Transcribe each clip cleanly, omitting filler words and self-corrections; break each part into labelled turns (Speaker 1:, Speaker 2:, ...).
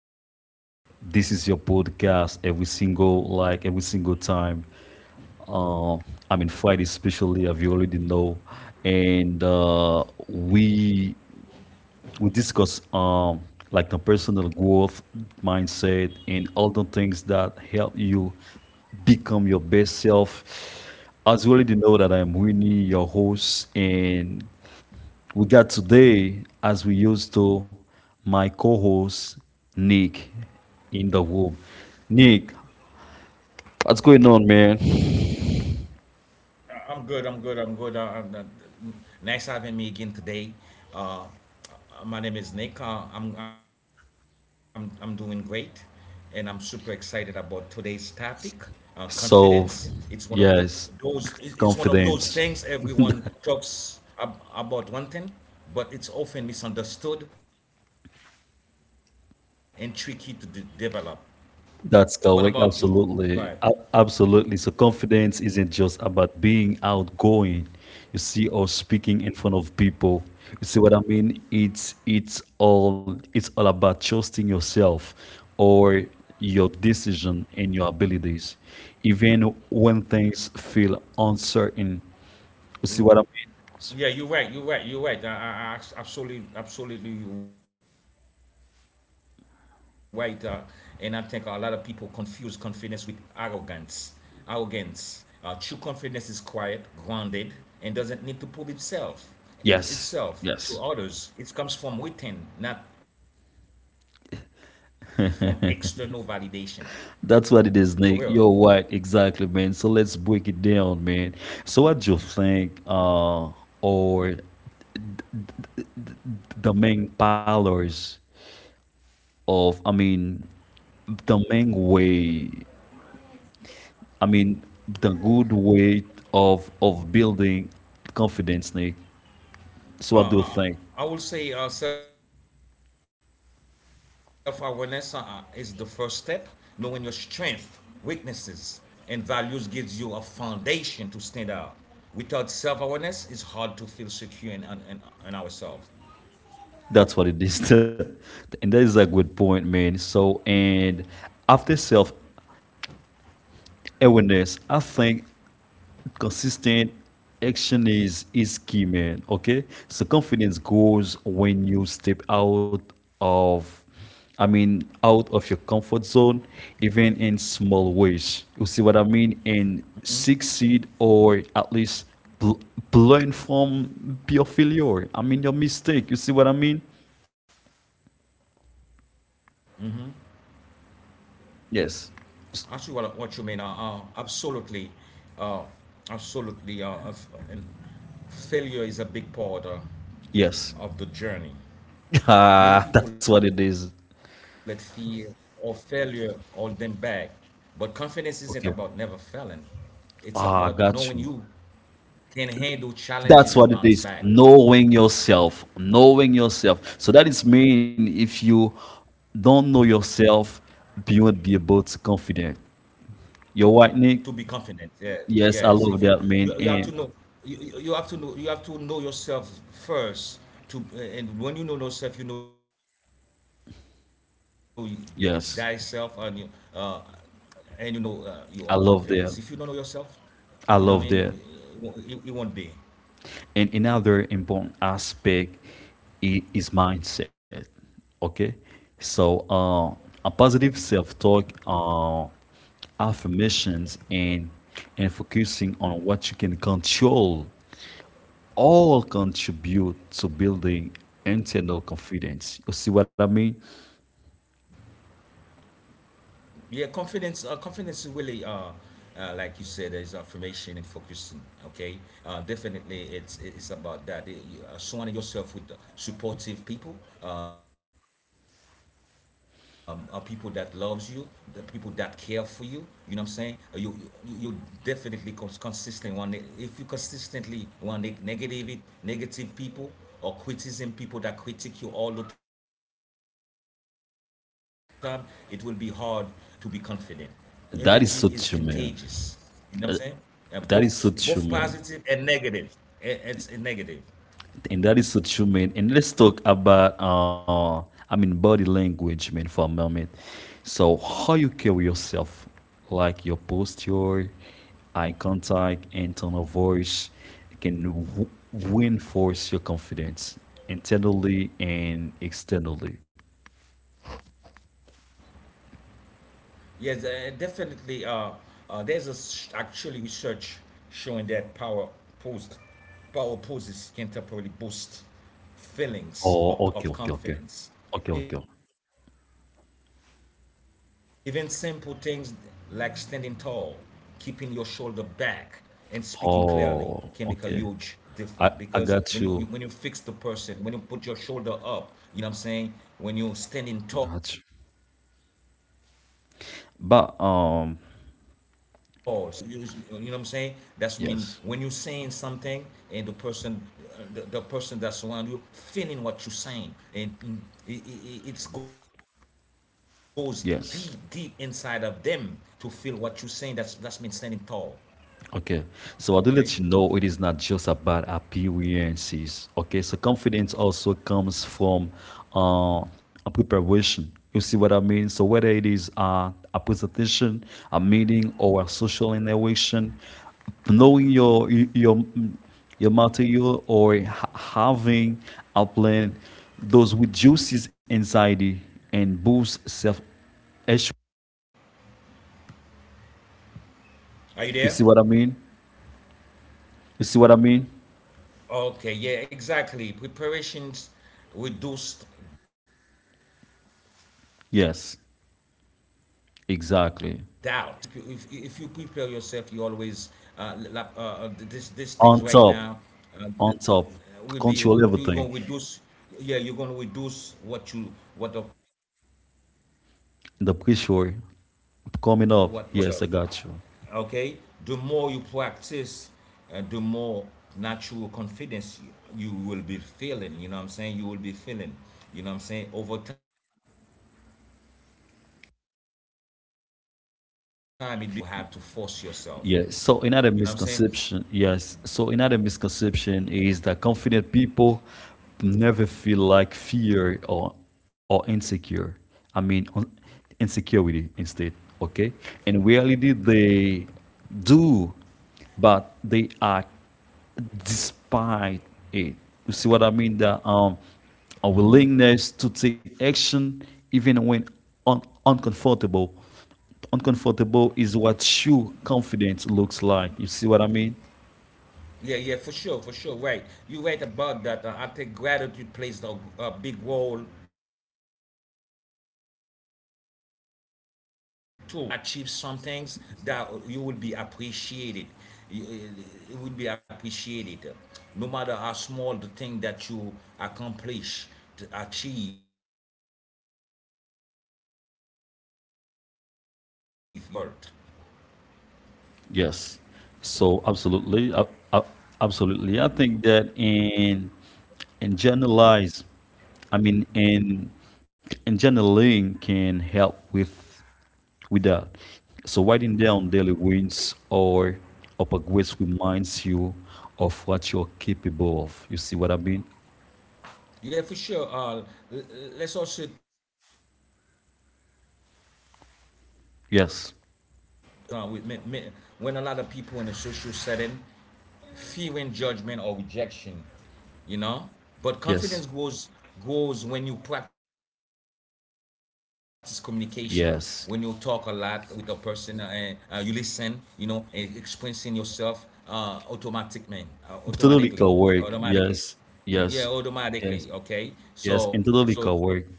Speaker 1: Winner. This is your podcast every single time. Uh, I mean Friday especially, as you already know, and we discuss like the personal growth mindset and all the things that help you become your best self. As you already know that I'm Winnie, your host, and we got today, as we used to, my co-host Nick in the room. Nick, what's going on, man?
Speaker 2: I'm good. I'm, uh, Nice having me again today. My name is Nick. I'm doing great, and I'm super excited about today's topic. Confidence. It's one of the
Speaker 1: So,
Speaker 2: It's one of
Speaker 1: yes,
Speaker 2: those things everyone
Speaker 1: confidence.
Speaker 2: talks about wanting, but it's often misunderstood and tricky to develop. What about you? Go ahead.
Speaker 1: That's correct. Absolutely. Absolutely. So confidence isn't just about being outgoing, you see, or speaking in front of people. You see what I mean? It's all about trusting yourself or your decision and your abilities. Even when things feel uncertain. You see what I mean?
Speaker 2: Yeah, you're right. I absolutely, you're right. And I think a lot of people confuse confidence with arrogance. Arrogance. True confidence is quiet, grounded, and doesn't need to prove itself to
Speaker 1: Yes.
Speaker 2: others.
Speaker 1: Yes.
Speaker 2: It comes from within, not from external validation. For real.
Speaker 1: That's what it is, Nick. You're right, exactly, man. So let's break it down, man. So what do you think, or the main pillars of, the main way, I mean the good way of building confidence, Nick? So what do you think?
Speaker 2: I would say self awareness is the first step. Knowing your strength, weaknesses, and values gives you a foundation to stand out. Without self awareness, it's hard to feel secure in ourselves.
Speaker 1: That's what it is. And that is a good point, man. So, and after self awareness, I think consistent action is key, man. Okay, so confidence grows when you step of out of your comfort zone, even in small ways, you see what I mean, and succeed or at least bl- learn from your failure I mean your mistake. You see what I mean?
Speaker 2: Actually, what you mean,
Speaker 1: Yes. S-
Speaker 2: Absolutely, uh, and failure is a big part of the journey.
Speaker 1: yes.
Speaker 2: Many people let
Speaker 1: Ah,
Speaker 2: fear
Speaker 1: that's what it
Speaker 2: or
Speaker 1: is.
Speaker 2: failure hold them back. But confidence isn't about never failing.
Speaker 1: Okay.
Speaker 2: It's about knowing you
Speaker 1: Ah, got you.
Speaker 2: can handle challenges and bounce back
Speaker 1: That's what it is. Knowing yourself, knowing yourself. So that is mean if you don't know yourself, you won't be able to confident. You're
Speaker 2: to
Speaker 1: right,
Speaker 2: be
Speaker 1: Nick.
Speaker 2: confident. Yeah, yes. If
Speaker 1: Yes, I
Speaker 2: you
Speaker 1: love
Speaker 2: you,
Speaker 1: that,
Speaker 2: you have
Speaker 1: man.
Speaker 2: to know
Speaker 1: And
Speaker 2: you, you you have to know You have to know yourself first to and when you know yourself you know thyself uh,
Speaker 1: yes,
Speaker 2: and you know you are confidence. If you don't know
Speaker 1: I love
Speaker 2: yourself,
Speaker 1: that.
Speaker 2: you know what I mean.
Speaker 1: I
Speaker 2: You
Speaker 1: love that.
Speaker 2: it won't be.
Speaker 1: And another important aspect is mindset. Okay, so a positive self-talk, affirmations, and focusing on what you can control all contribute to building internal confidence. You see what I mean?
Speaker 2: Yeah confidence confidence is really like you said is affirmation and focusing. Okay, definitely it's about that. It- you- surrounding yourself with supportive people, people that loves you, the people that care for you. You know what I'm saying? Uh, You you definitely consistent one. If you consistently want negative people or criticism people that critique you all the time, it will be hard to be confident. Energy is contagious.
Speaker 1: That is so
Speaker 2: You
Speaker 1: true,
Speaker 2: know what I'm saying?
Speaker 1: man.
Speaker 2: Both
Speaker 1: That is so
Speaker 2: positive
Speaker 1: true,
Speaker 2: and
Speaker 1: man.
Speaker 2: negative. It's a negative.
Speaker 1: And that is so true, man. And let's talk about body language, man, for a moment. So how you carry yourself, like your posture, eye contact, and tone of voice can reinforce your confidence internally and externally.
Speaker 2: Yes, definitely. There's a s actually research showing that pose, power poses can temporarily boost feelings of
Speaker 1: Oh, okay,
Speaker 2: confidence.
Speaker 1: okay, okay. Okay,
Speaker 2: Even
Speaker 1: okay.
Speaker 2: simple things like standing tall, keeping your shoulder back, and speaking clearly can make a huge difference. Because
Speaker 1: Oh, okay.
Speaker 2: when you fix the
Speaker 1: I
Speaker 2: person, when
Speaker 1: got
Speaker 2: you put
Speaker 1: you.
Speaker 2: your shoulder up, you know what I'm saying, when you're standing tall. Standing tall meaning
Speaker 1: Got you.
Speaker 2: like you stand what you're saying. You stay
Speaker 1: But um,
Speaker 2: you know what I'm saying. That's mean when you're saying something and
Speaker 1: yes.
Speaker 2: the person that's around you feeling what you're saying, and it goes deep inside of them to
Speaker 1: Yes.
Speaker 2: feel what you're saying. That's mean standing tall.
Speaker 1: Okay,
Speaker 2: Okay,
Speaker 1: so I do let you know it is not just about appearances. Okay, so confidence also comes from uh, a preparation. You see what I mean? So whether it is a presentation, a meeting, or a social interaction, knowing your material or having a plan, those reduces anxiety and boosts self-esteem.
Speaker 2: are you
Speaker 1: You
Speaker 2: there?
Speaker 1: see what I mean? You see what I mean?
Speaker 2: Okay, yeah, exactly. Preparations reduce doubts. Okay,
Speaker 1: Yes,
Speaker 2: if you prepare yourself,
Speaker 1: exactly.
Speaker 2: if you prepare yourself, you always this these things right now.
Speaker 1: On top,
Speaker 2: Uh, th-
Speaker 1: on
Speaker 2: will
Speaker 1: top,
Speaker 2: be, you're gonna
Speaker 1: control
Speaker 2: reduce.
Speaker 1: everything.
Speaker 2: Yeah, you're gonna reduce what you what a person may think of you.
Speaker 1: The
Speaker 2: You know what I'm
Speaker 1: pressure
Speaker 2: saying? When you
Speaker 1: coming
Speaker 2: prepare
Speaker 1: up.
Speaker 2: yourself,
Speaker 1: Yes, I got you.
Speaker 2: okay, the more you practice, the more natural confidence you will be feeling. You will be feeling. You know what I'm saying Over time, it become internalized. You know what I'm saying Rather than something you have to force yourself with, though.
Speaker 1: Yeah.
Speaker 2: You
Speaker 1: So
Speaker 2: know what I'm
Speaker 1: another
Speaker 2: saying
Speaker 1: misconception, yes. So another misconception is that confident people never feel like fear or insecure. I mean, un- Insecurity instead. Okay. In reality, they do, but they are despite it. You see what I mean? That a willingness to take action even when un- uncomfortable uncomfortable is what true confidence looks like. You see what I mean?
Speaker 2: Yeah, for sure, right. You right about that. I think gratitude plays a big role too. And when you are, when you do achieve some things, that you will be appreciated it will be appreciated, no matter how small the thing that you accomplish to achieve. You know what I'm saying? Uh, reinforce your sense of competence and then self-worth.
Speaker 1: Yes. So absolutely, uh, absolutely. I think that in generalize, I mean in in journaling can help with that. So writing down daily wins or upper grades reminds you of what you're capable of. You see what I mean?
Speaker 2: Yeah for sure. Let's also uh, touch on social confidence.
Speaker 1: Yes.
Speaker 2: When a lot of people in a social setting fearing judgment or rejection, you know. But confidence
Speaker 1: Yes.
Speaker 2: grows when you practice communication, when you talk a lot with a
Speaker 1: Yes.
Speaker 2: person. Uh, you listen, you know, and expressing yourself. uh, automatic man Automatically.
Speaker 1: Totally co-work.
Speaker 2: automatically
Speaker 1: Yes. Yes. Yes.
Speaker 2: okay,
Speaker 1: Yes.
Speaker 2: so
Speaker 1: And totally
Speaker 2: so that
Speaker 1: co-work.
Speaker 2: means.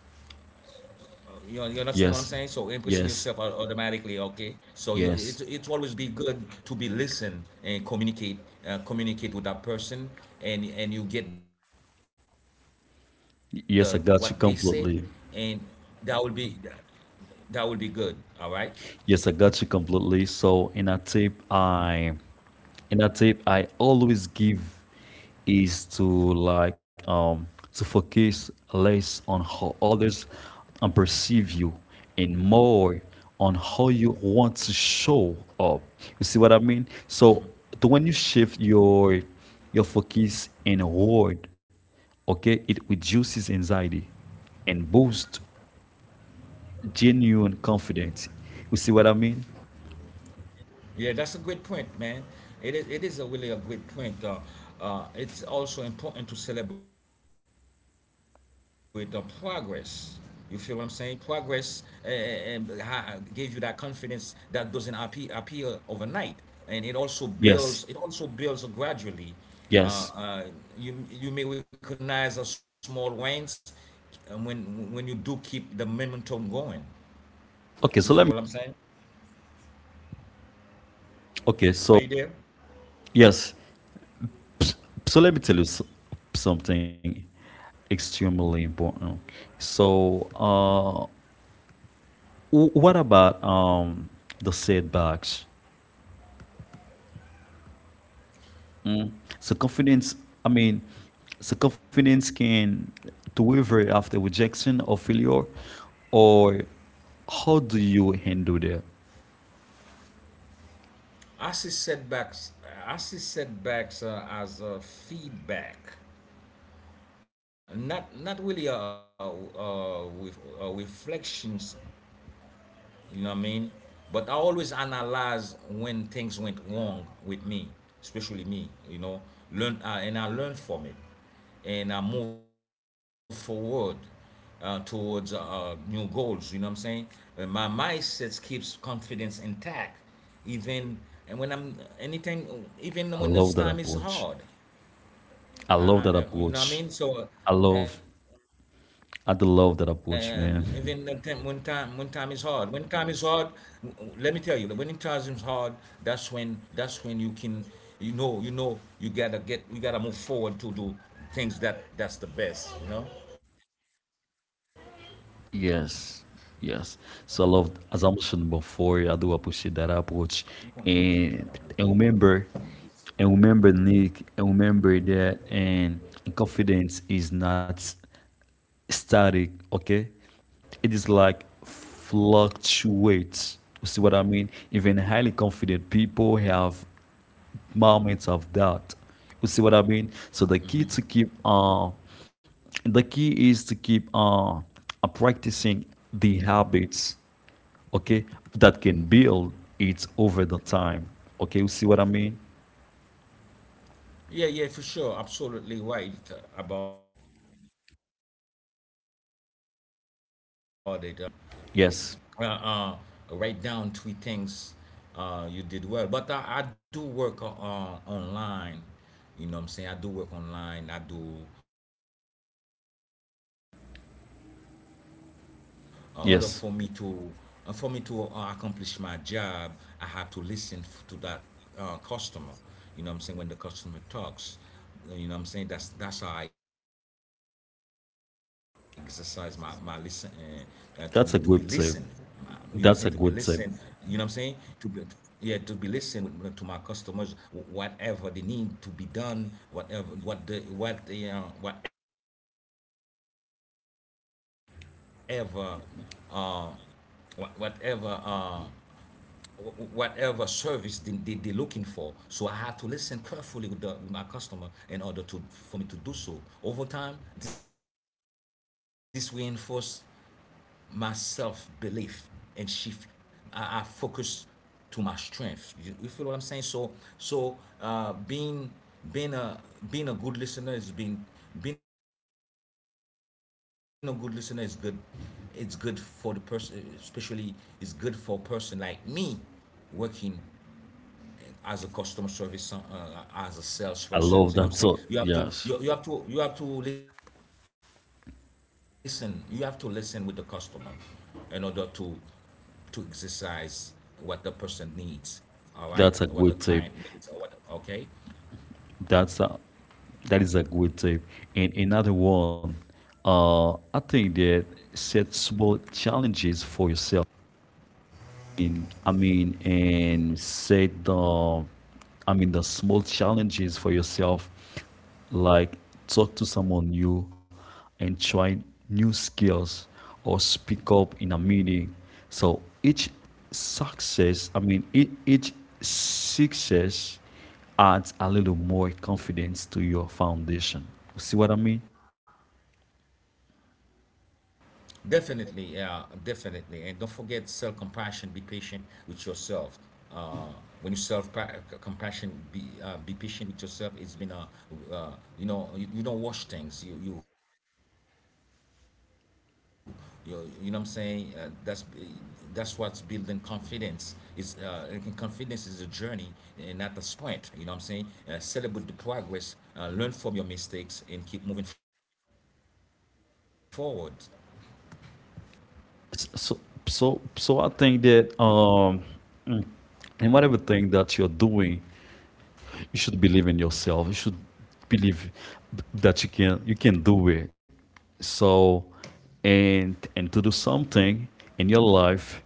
Speaker 2: You understand what I'm saying? So impressing
Speaker 1: Yes.
Speaker 2: yourself automatically,
Speaker 1: Yes.
Speaker 2: okay? It's always be
Speaker 1: Yes.
Speaker 2: good to be listen and communicate, communicate with that person, and you get the what they said, and
Speaker 1: Yes. I got you
Speaker 2: that will be
Speaker 1: completely.
Speaker 2: that will be good. All right.
Speaker 1: Yes, I got you completely. So in a tip I always give is to like to focus less on how others and perceive you and more on how you want to show up. You see what I mean? So when you shift your focus inward, okay, it reduces anxiety and boosts genuine confidence. You see what I mean?
Speaker 2: Yeah, that's a great point, man. It is a really a great point. It's also important to celebrate the progress. You feel what I'm saying? Progress. uh, um, ha- Gave you that confidence, that doesn't appear overnight, and
Speaker 1: Yes.
Speaker 2: It also builds gradually.
Speaker 1: Yes.
Speaker 2: Uh, uh, you you may recognize a small wins when you do keep the momentum going.
Speaker 1: Okay, so let
Speaker 2: You
Speaker 1: me,
Speaker 2: feel what I'm saying?
Speaker 1: okay, so
Speaker 2: Are you there?
Speaker 1: yes. So let me tell you something extremely important. So what about the setbacks? Mm? So confidence, I mean so confidence can to waver after rejection or failure, or how do you handle that?
Speaker 2: I see setbacks. I see setbacks as feedback, not really, with, reflections, you know what I mean? But I always analyze when things went wrong with me, especially me. You know, learn and I learned from it, and I move forward towards new goals. You know what I'm saying? My mindset keeps confidence intact, even and when I'm anything, even when this
Speaker 1: I
Speaker 2: time is
Speaker 1: love that
Speaker 2: hard.
Speaker 1: approach.
Speaker 2: I,
Speaker 1: I
Speaker 2: I,
Speaker 1: love
Speaker 2: you
Speaker 1: that
Speaker 2: know what I mean?
Speaker 1: approach.
Speaker 2: So,
Speaker 1: I love,
Speaker 2: and even the time,
Speaker 1: I do
Speaker 2: when
Speaker 1: love
Speaker 2: time
Speaker 1: that
Speaker 2: is hard,
Speaker 1: approach, man.
Speaker 2: let me tell you, when it time is hard, that's when you can, you know, you gotta move forward to do things that that's the best, you know.
Speaker 1: Yes, yes. So I love, as I mentioned before, I do appreciate that approach. And and remember, and remember, Nick, and remember that, and confidence is not static. Okay, it is like fluctuates. You see what I mean? Even highly confident people have moments of doubt. You see what I mean? So the key is to keep practicing the habits, okay, that can build it over the time. Okay, you see what I mean?
Speaker 2: Yeah, for sure. Absolutely right about it. And I want to share a quick exercise for listeners every day.
Speaker 1: Yes.
Speaker 2: Uh, uh, write down three things you did well. But I do work online. You know what I'm saying? I do work online. I do call center job and things like that, that nature. So, but for in order for me
Speaker 1: Yes.
Speaker 2: to accomplish my job, I have to listen to that customer. You know what I'm saying? When the customer talks, you know what I'm saying, that's how I exercise my listen, to be listened. You know what I'm saying To
Speaker 1: That's a
Speaker 2: be
Speaker 1: good
Speaker 2: listened.
Speaker 1: tip.
Speaker 2: You know what I'm saying
Speaker 1: That's a
Speaker 2: to
Speaker 1: good
Speaker 2: be to-
Speaker 1: tip.
Speaker 2: yeah to be listened with, to my customers. Whatever they need to be done, whatever what the whatever. uh, wha- whatever uh, Whatever service they're looking for. So I have to listen carefully with the with my customer in order to for me to do so. Over time, this reinforced my self belief and shift. I focus to my strength. You feel what I'm saying? So uh, being being a Being a good listener is being being a good listener is good. It's good for the person, especially it's good for a person like me working as a customer service, as a salesperson. You know what I'm
Speaker 1: I loo
Speaker 2: saying?
Speaker 1: love that. So yes,
Speaker 2: You have to listen. With the customer, in order to exercise what the person needs. All right, what the
Speaker 1: that's
Speaker 2: client
Speaker 1: a good
Speaker 2: needs or
Speaker 1: tip.
Speaker 2: what. Okay,
Speaker 1: That's a, that is a good tip. And another one, I think that set small challenges for yourself, mean, I mean, and set the, I mean, the small challenges for yourself, like talk to someone new, and try new skills, or speak up in a meeting. So each success, each success adds a little more confidence to your foundation. See what I mean?
Speaker 2: definitely, definitely. And don't forget self compassion. Be patient with yourself. Uh, when you self pa- compassion, Be be patient with yourself. It's been, uh, you know, you don't wash things. You know what I'm saying. That's what's building confidence. Is And confidence is a journey, and not a sprint. You know what I'm saying. Celebrate the progress, learn from your mistakes, and keep moving forward.
Speaker 1: So, so I think that mm, in whatever thing that you're doing, you should believe in yourself. You should believe that you can do it. So, and to do something in your life,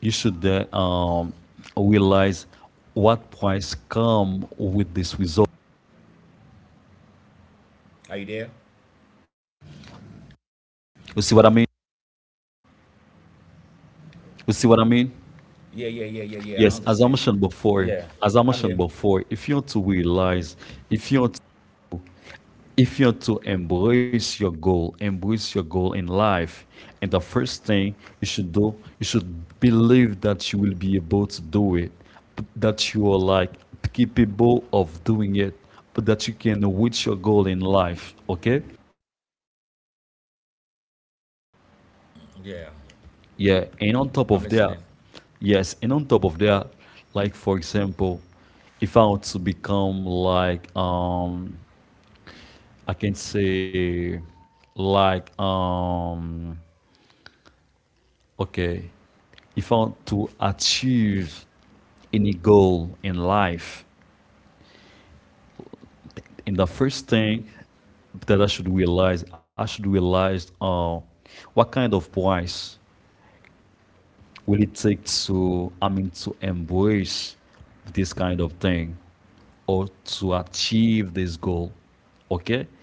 Speaker 1: you should realize what price come with this result.
Speaker 2: Are you there?
Speaker 1: You see what I mean?
Speaker 2: Yeah, I
Speaker 1: You
Speaker 2: understand.
Speaker 1: see what I mean?
Speaker 2: Yeah, I'm
Speaker 1: Yes,
Speaker 2: here.
Speaker 1: as I mentioned before, as I mentioned before, if you want to realize, if you want, if you're to embrace your goal in life, and the first thing you should do, you should believe that you will be able to do it, that you are like capable of doing it, but that you can reach your goal in life. Okay?
Speaker 2: Yeah, I'm listening.
Speaker 1: Yeah. And on top of that, yes, and on top of that, like for example, if I want to become like I can say like okay. If I want to achieve any goal in life, and the first thing that I should realize what kind of price will it take to, I mean, to embrace this kind of thing or to achieve this goal. Okay?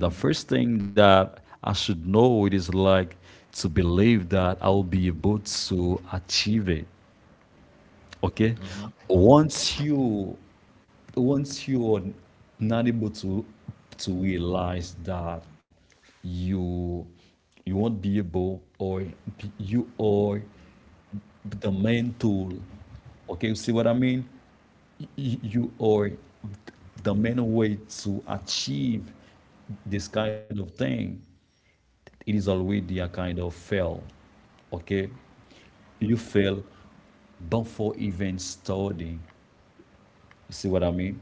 Speaker 1: And the first thing that I should know it is like to believe that I will be able to achieve it. Okay.
Speaker 2: Mm-hmm.
Speaker 1: Once you, once you're not able to realize that you you won't be able or you are the main tool. Okay, you see what I mean? You are the main way to achieve this kind of thing, it is already a kind of fail. Okay? You fail before even starting. You see what I mean?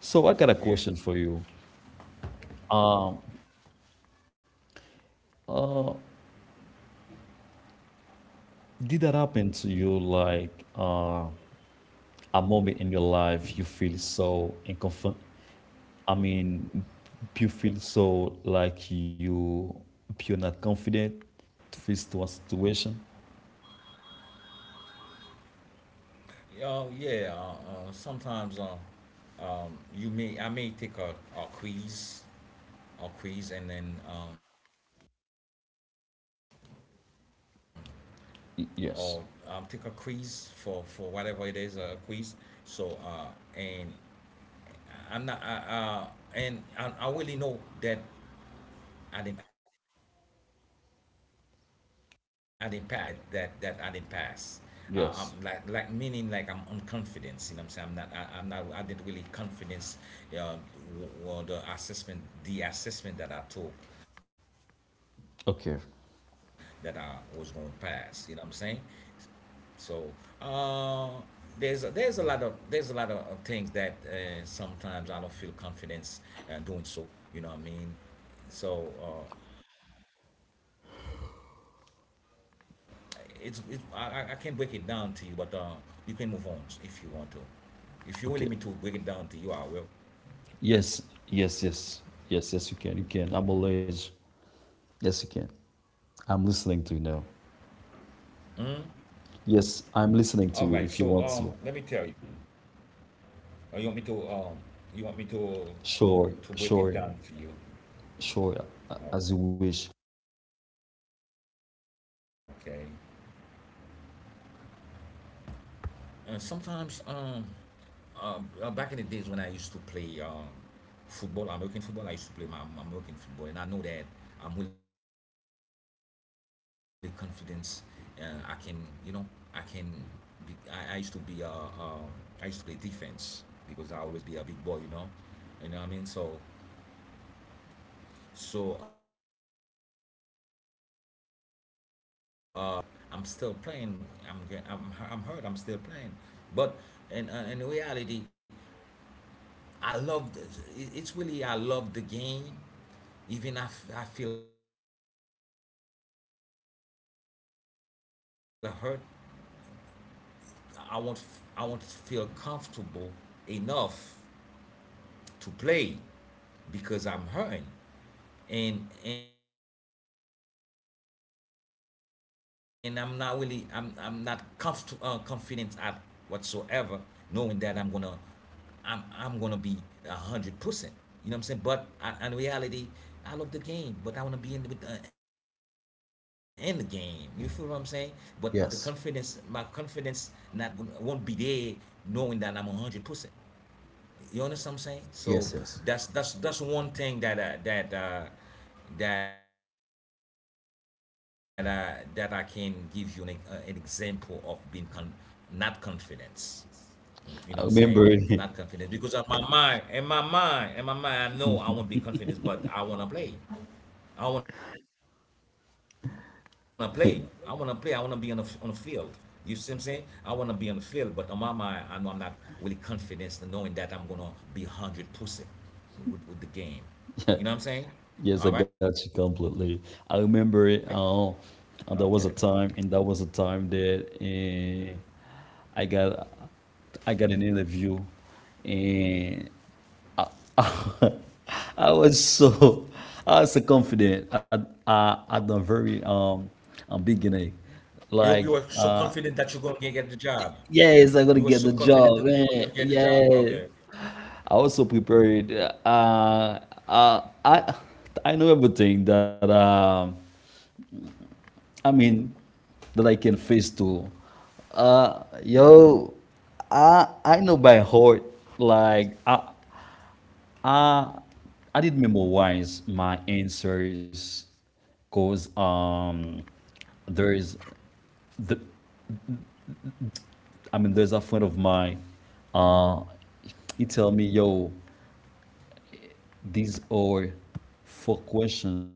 Speaker 1: So I
Speaker 2: Yeah.
Speaker 1: got a question for you. Um, did that happen to you like a moment in your life you feel so inconfort? I mean, you feel so like you're not confident face to a situation?
Speaker 2: Oh, yeah. Sometimes You may, I may take a quiz, and then or take a quiz for whatever it is, a
Speaker 1: Yes.
Speaker 2: quiz. So and I'm not. I really know that I didn't pass. So that the confidence of myself didn't pass, show that I didn't pass. Uh, I'm
Speaker 1: Yes.
Speaker 2: like, meaning like I'm unconfident. You know what I'm saying? I'm not, I didn't really confidence. Uh, well, the assessment that I took, that I was going to
Speaker 1: Okay.
Speaker 2: pass. You know what I'm saying? So uh, there's a lot of there's a lot of things that sometimes I don't feel confidence doing so. You know what I mean? So can break it down to you, but you can move on if you want to. If you're willing me to break it down to you, I will.
Speaker 1: Okay. Yes, yes, yes, yes, yes. You can, you can. I'm always. Yes, you
Speaker 2: Mhm.
Speaker 1: can. I'm listening to you now.
Speaker 2: All right. So let me tell
Speaker 1: Yes,
Speaker 2: you.
Speaker 1: I'm listening to you. If you want to,
Speaker 2: You want me to you want me to break it
Speaker 1: sure,
Speaker 2: down for you?
Speaker 1: sure, sure,
Speaker 2: Okay.
Speaker 1: as you wish.
Speaker 2: Sometimes uh, back in the days when I used to play. Football, American football. I used to play my American football, and I know that I'm really confident. I can, you know, I can. Be, I used to be I used to play defense because I always be a big boy, you know what I mean. So one time I got hurt and things like that, but I'm still playing. I'm hurt. I'm still playing, but in reality, I love this. It's really I love the game. Even if I feel hurt playing, and I know I won't be feel comfortable. I won't feel comfortable enough to play because I'm hurting, and I'm not really I'm not comfortable confident at whatsoever, knowing that I'm gonna be 100%. You know what I'm saying? But I, in reality, I love the game, but I wanna be in with in the game. You feel what I'm saying? But the confidence, my confidence,
Speaker 1: Yes,
Speaker 2: not going to won't be there, knowing that I'm 100%. You understand what I'm saying? So
Speaker 1: yes, yes.
Speaker 2: that's one thing that I can give you an example of being not confidence. You know what I'm saying? Not
Speaker 1: I
Speaker 2: confident
Speaker 1: remember
Speaker 2: because of
Speaker 1: it.
Speaker 2: my mind. In my mind, I know I won't be confident, but I want to play. I want to play. I want to play. I want to be on the field. You see what I'm saying? I want to be on the field, but on my mind, I know I'm not really confident in knowing that I'm gonna be 100% with the game. You know what I'm saying? All right.
Speaker 1: Yes, I got you completely.
Speaker 2: Okay.
Speaker 1: I remember it. And there was a time, and that was a time that I got, I got an interview, and I was so I was so confident at the very
Speaker 2: You were so
Speaker 1: beginning,
Speaker 2: confident that you're gonna
Speaker 1: like
Speaker 2: get the job.
Speaker 1: uh
Speaker 2: You were so
Speaker 1: yes,
Speaker 2: confident
Speaker 1: I'm
Speaker 2: that
Speaker 1: gonna
Speaker 2: you
Speaker 1: get
Speaker 2: were
Speaker 1: the
Speaker 2: gonna get
Speaker 1: job,
Speaker 2: the job.
Speaker 1: man.
Speaker 2: Okay.
Speaker 1: Yeah, I was so prepared. uh, uh I I know everything that I mean that I can face too. Yo I know by heart, like I I did memorize my answers, because there is, there's a friend of mine. uh he tell me, yo, these are four question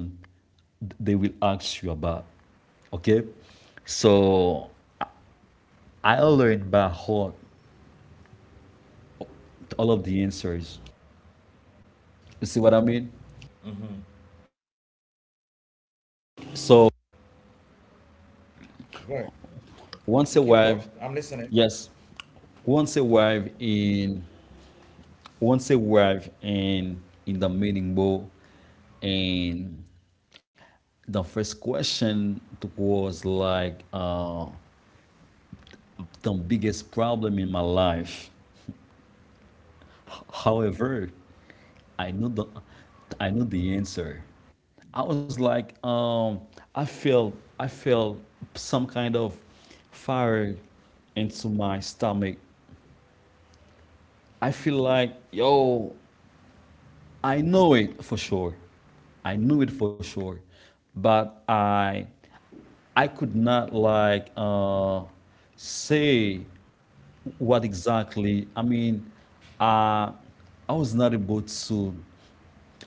Speaker 1: they will ask you about. Okay, so I learned by heart all of the answers. You see what I mean? So
Speaker 2: Go ahead. You can talk. I'm
Speaker 1: once
Speaker 2: listening.
Speaker 1: arrived yes once arrived in once you arrive in the meeting bowl, and the first question was like the biggest problem in my life. However, i knew the I knew the answer. I was like I feel, some kind of fire into my stomach. I feel like, yo, I know it for sure. I knew it for sure, but I could not like say what exactly. Uh, I was not able to.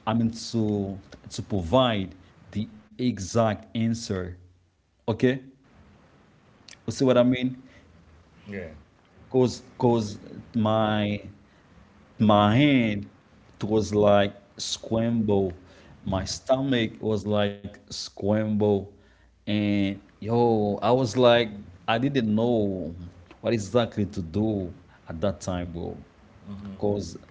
Speaker 1: I mean to to provide the exact answer. Okay, you see what
Speaker 2: Yeah.
Speaker 1: I mean? Cause my my hand, it was like scramble, my stomach was like scramble, and yo, I was like, I didn't know what exactly to do at that time, bro, because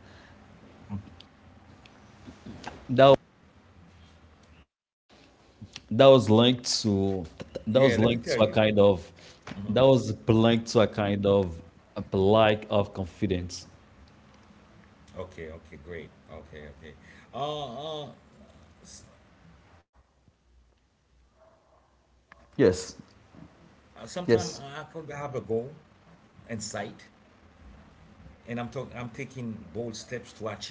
Speaker 1: that
Speaker 2: Yeah, let me tell you.
Speaker 1: that was linked to that was linked to a kind of that was linked to a kind of a lack of confidence.
Speaker 2: Okay, okay, great. Okay, okay. Uh, uh, s- sometime I could
Speaker 1: Yes,
Speaker 2: have a goal
Speaker 1: yes,
Speaker 2: and sight, and I'm taking bold steps to achieve them.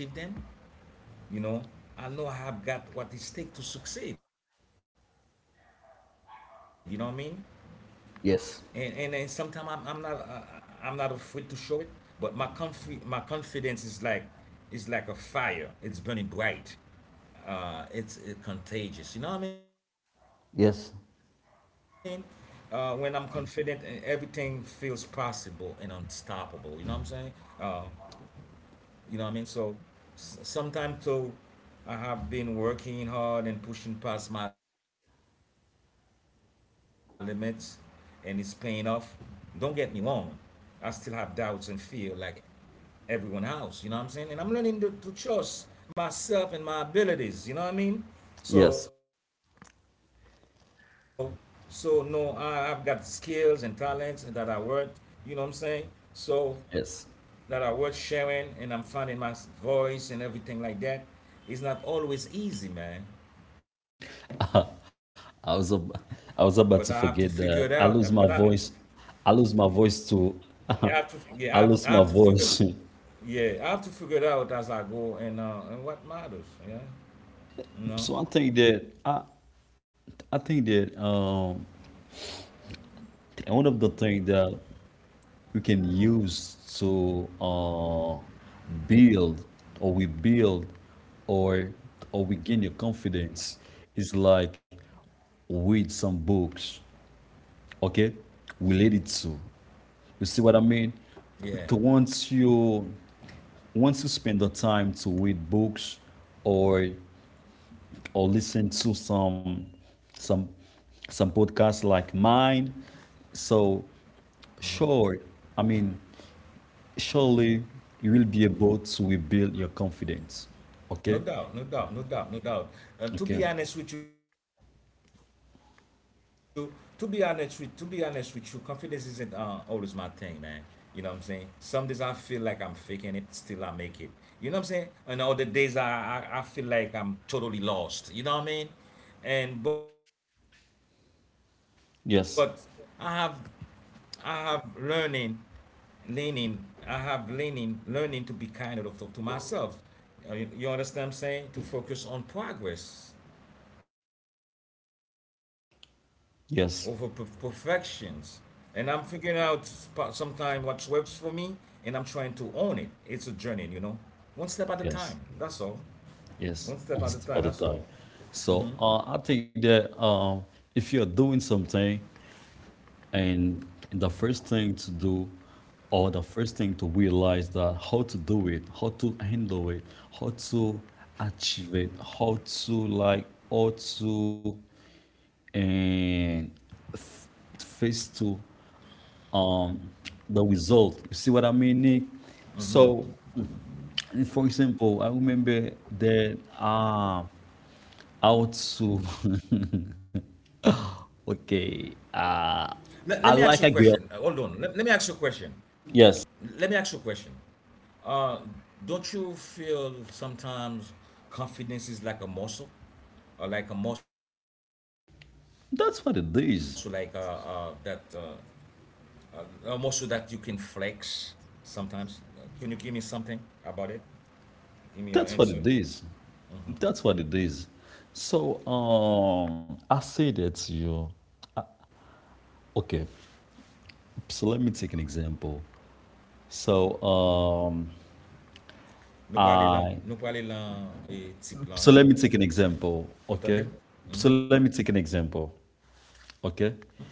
Speaker 2: You know I have got what it takes to succeed. You know what I mean? And and sometimes
Speaker 1: yes,
Speaker 2: I'm not afraid to show it, but my confidence is like a fire. It's burning bright it's it contagious. You know what I mean? When I'm
Speaker 1: yes,
Speaker 2: confident, and everything feels possible and unstoppable. You know what I'm saying? Uh, you know what I mean? So sometimes too, I have been working hard and pushing past my limits, and it's paying off. Don't get me wrong. I still have doubts and feel like everyone else. You know what I'm saying? And I'm learning to trust myself and my abilities. You know what I mean? So,
Speaker 1: yes,
Speaker 2: so no, I've got skills and talents that I work. You know what I'm saying? So
Speaker 1: yes.
Speaker 2: that I work sharing and I'm finding my voice and everything like that. It's not always easy, man. But I have to figure it
Speaker 1: I was
Speaker 2: out. Uh,
Speaker 1: ab-
Speaker 2: But I,
Speaker 1: I was about to forget that I lose my voice. I lose my voice to
Speaker 2: I have to, I
Speaker 1: I
Speaker 2: have to
Speaker 1: lose my
Speaker 2: figure,
Speaker 1: voice.
Speaker 2: yeah, I have to figure it out as I go and what matters, yeah, you know,
Speaker 1: So I think that one of the things that we can use to build or we build or or we gain your confidence is like read some books, okay, related to. You see what I mean?
Speaker 2: yeah.
Speaker 1: To once you spend the time to read books or or listen to some some podcasts like mine, so sure, I mean surely you will be able to rebuild your confidence.
Speaker 2: No
Speaker 1: Okay?
Speaker 2: doubt, no doubt, no doubt, no doubt. To be
Speaker 1: Okay.
Speaker 2: honest with you, to be honest with to be honest with you, confidence isn't always my thing, man. You know what I'm saying? Some days I feel like I'm faking it, still I make it. You know what I'm saying? And other days I feel like I'm totally lost. You know what I mean? And but I have I
Speaker 1: Yes.
Speaker 2: have learning, leaning. I have leaning, learning to be kinder of to myself. You understand what I'm saying? To focus on progress over perfections. And I'm
Speaker 1: Yes.
Speaker 2: figuring out sometime what works for me, and I'm trying to own it. It's a journey, you know. One step at a time. That's all.
Speaker 1: Yes.
Speaker 2: One step at a time.
Speaker 1: Yes,
Speaker 2: That's
Speaker 1: one
Speaker 2: all.
Speaker 1: step at a time. So I think that if you're doing something, and the first thing to do, or the first thing to realize, that how to do it, how to handle it, how to achieve it, how to like, how to and f- face to um, the result. You see what I mean, Nick? So, for example, I remember that. Aotsu.
Speaker 2: Let me ask you a
Speaker 1: Okay.
Speaker 2: question. Hold on. Let me ask you a
Speaker 1: I
Speaker 2: question.
Speaker 1: like a girl.
Speaker 2: Let me ask you a question.
Speaker 1: Yes.
Speaker 2: Uh, don't you feel sometimes confidence is like a muscle, or like a muscle,
Speaker 1: That's what it is.
Speaker 2: a muscle that you can flex? Sometimes. Can you give me something about it? Give me your
Speaker 1: That's what
Speaker 2: answer.
Speaker 1: it is. That's what it is. So I say that to you. Okay. So let me take an example. So I.
Speaker 2: Nou prale lan e tip
Speaker 1: So
Speaker 2: lan
Speaker 1: let me
Speaker 2: italè.
Speaker 1: take an example.
Speaker 2: Otande?
Speaker 1: Okay.
Speaker 2: Mm-hmm,
Speaker 1: So let me take an example. Okay.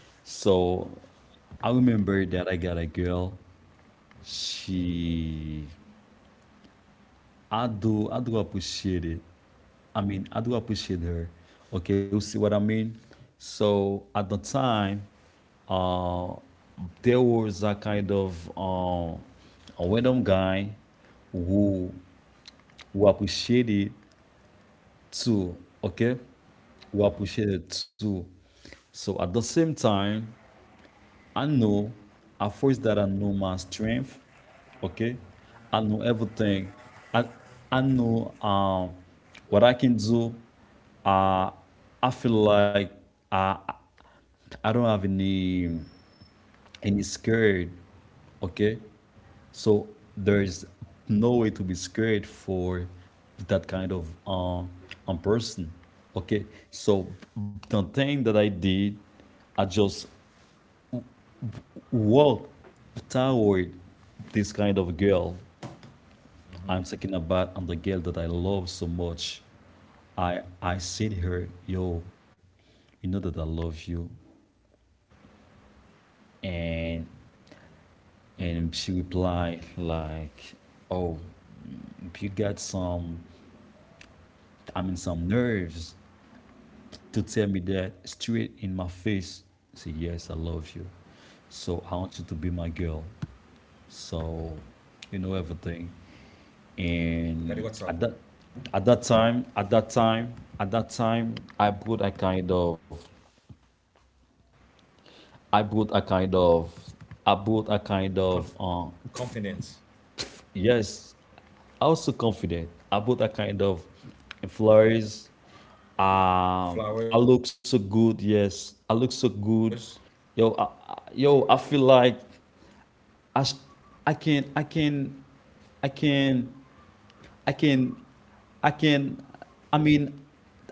Speaker 1: So I remember that I got a girl, she I do appreciate it. I mean, I do appreciate her. Okay, you see what I mean? So at the time, uh, there was a kind of a random guy who who appreciated too. Okay, who appreciated too. So at the same time, I know a force that I know my strength, okay? I know everything. I I know what I can do. Uh, I feel like I I don't have any scared, okay? So there's no way to be scared for that kind of person. Okay. So the thing that I did, I just walk toward this kind of girl.
Speaker 2: mm-hmm,
Speaker 1: I'm talking about, and the girl that I love so much. I said her, yo, you know that I love you.
Speaker 2: mm-hmm.
Speaker 1: And she replied like, oh, mm, you got some, I mean, some nerves to tell me that straight in my face. Say, yes, I love you. So I want you to be my girl. So you know
Speaker 2: Gade
Speaker 1: everything.
Speaker 2: WhatsApp
Speaker 1: And at that time, I brought a kind of I brought a kind of I brought
Speaker 2: Conf
Speaker 1: a kind of um.
Speaker 2: confidence,
Speaker 1: Yes, I was so confident about that kind of flurries. Um, I
Speaker 2: flowers.
Speaker 1: look so good. Yes, I look so good. Yo, yo, I feel like I, sh- I can, I can, I can, I can, I can. I mean,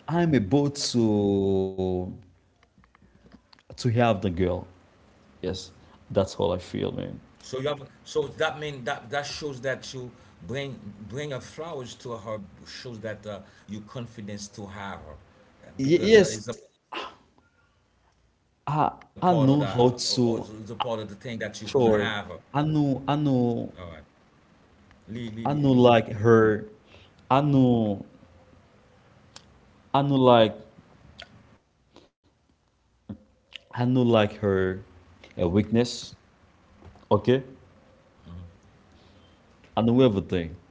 Speaker 1: I'm about to have the girl. Yes, that's
Speaker 2: So you
Speaker 1: all I
Speaker 2: have,
Speaker 1: feel,
Speaker 2: so
Speaker 1: man.
Speaker 2: that mean that that shows that you bring bring your flowers to her shows that you confidence to have her because
Speaker 1: Yes,
Speaker 2: it's a part of that, or it's a part of the
Speaker 1: I
Speaker 2: thing
Speaker 1: I
Speaker 2: that you're
Speaker 1: know
Speaker 2: gonna
Speaker 1: how
Speaker 2: have her.
Speaker 1: to. Sure. I
Speaker 2: All right.
Speaker 1: knew I knew
Speaker 2: Lee, Lee, Lee,
Speaker 1: I knew
Speaker 2: Lee.
Speaker 1: like her I knew I knew like I knew like her weakness. Okay? I knew everything.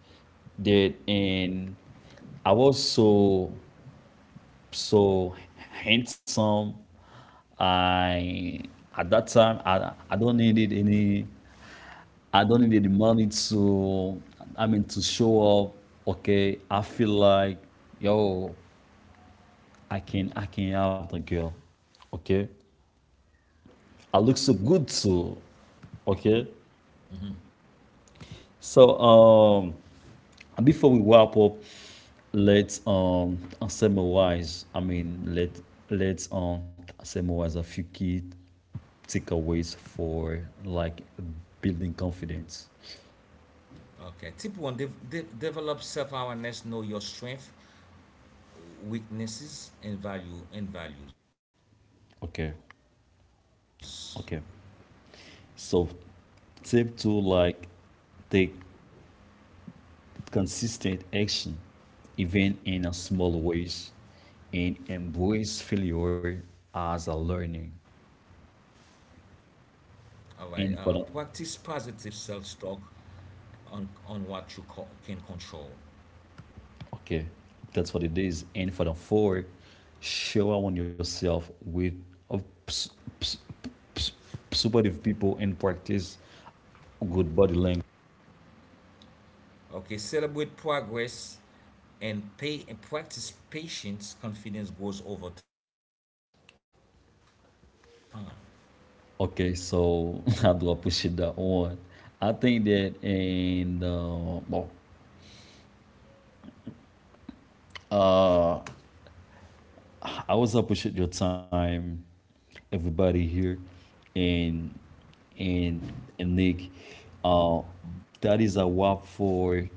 Speaker 1: That and I was so so handsome. I At that time, I don't needed any, I don't need the money to, I mean, to show up. Okay, I feel like yo, I can help the girl. Okay. I look so good too. Okay. So um, before we wrap up, let's summarize. I mean, let's summarize a few key takeaways for like building confidence.
Speaker 2: Okay. Tip one: develop self-awareness. Know your strength, weaknesses, and values.
Speaker 1: Okay. Okay. So tip two, like take consistent action, even in a small ways, and embrace failure as a learning.
Speaker 2: All right. Practice positive
Speaker 1: And for the
Speaker 2: self-talk on what you can control.
Speaker 1: okay, that's what it is. And for the four, show up on yourself with a ps- ps- ps- supportive people and practice good body language.
Speaker 2: Okay. Celebrate progress and pay and practice patience. Confidence grows over time.
Speaker 1: Okay, so I do appreciate that one. I think that, and well, uh, I was up with shit your time, everybody here, and and and Nick. Uh, that is a wrap for,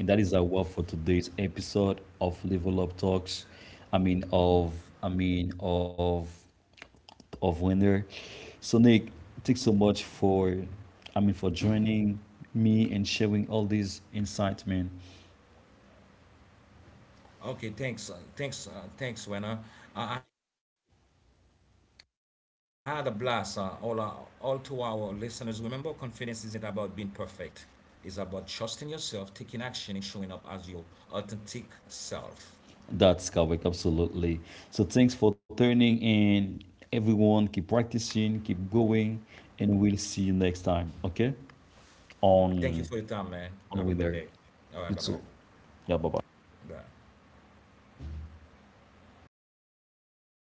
Speaker 1: and that is a wrap for today's episode of Level Up Talks. I mean of I mean of of winter. So Nick, thanks so much for, I mean, for joining me and sharing all these insights, man.
Speaker 2: Okay. Thanks. Thanks. Thanks, Wena. I had a blast. All to our listeners. Remember, confidence isn't about being perfect. Is about trusting yourself, taking action, and showing up as your authentic self.
Speaker 1: That's correct, absolutely. So thanks for tuning in. Everyone, keep practicing, keep going, and we'll see you next time, okay?
Speaker 2: Thank you for your
Speaker 1: On
Speaker 2: time, man. Have a
Speaker 1: on
Speaker 2: good day.
Speaker 1: Winner.
Speaker 2: All right,
Speaker 1: You
Speaker 2: bye-bye.
Speaker 1: too. Yeah, bye bye.
Speaker 2: Bye.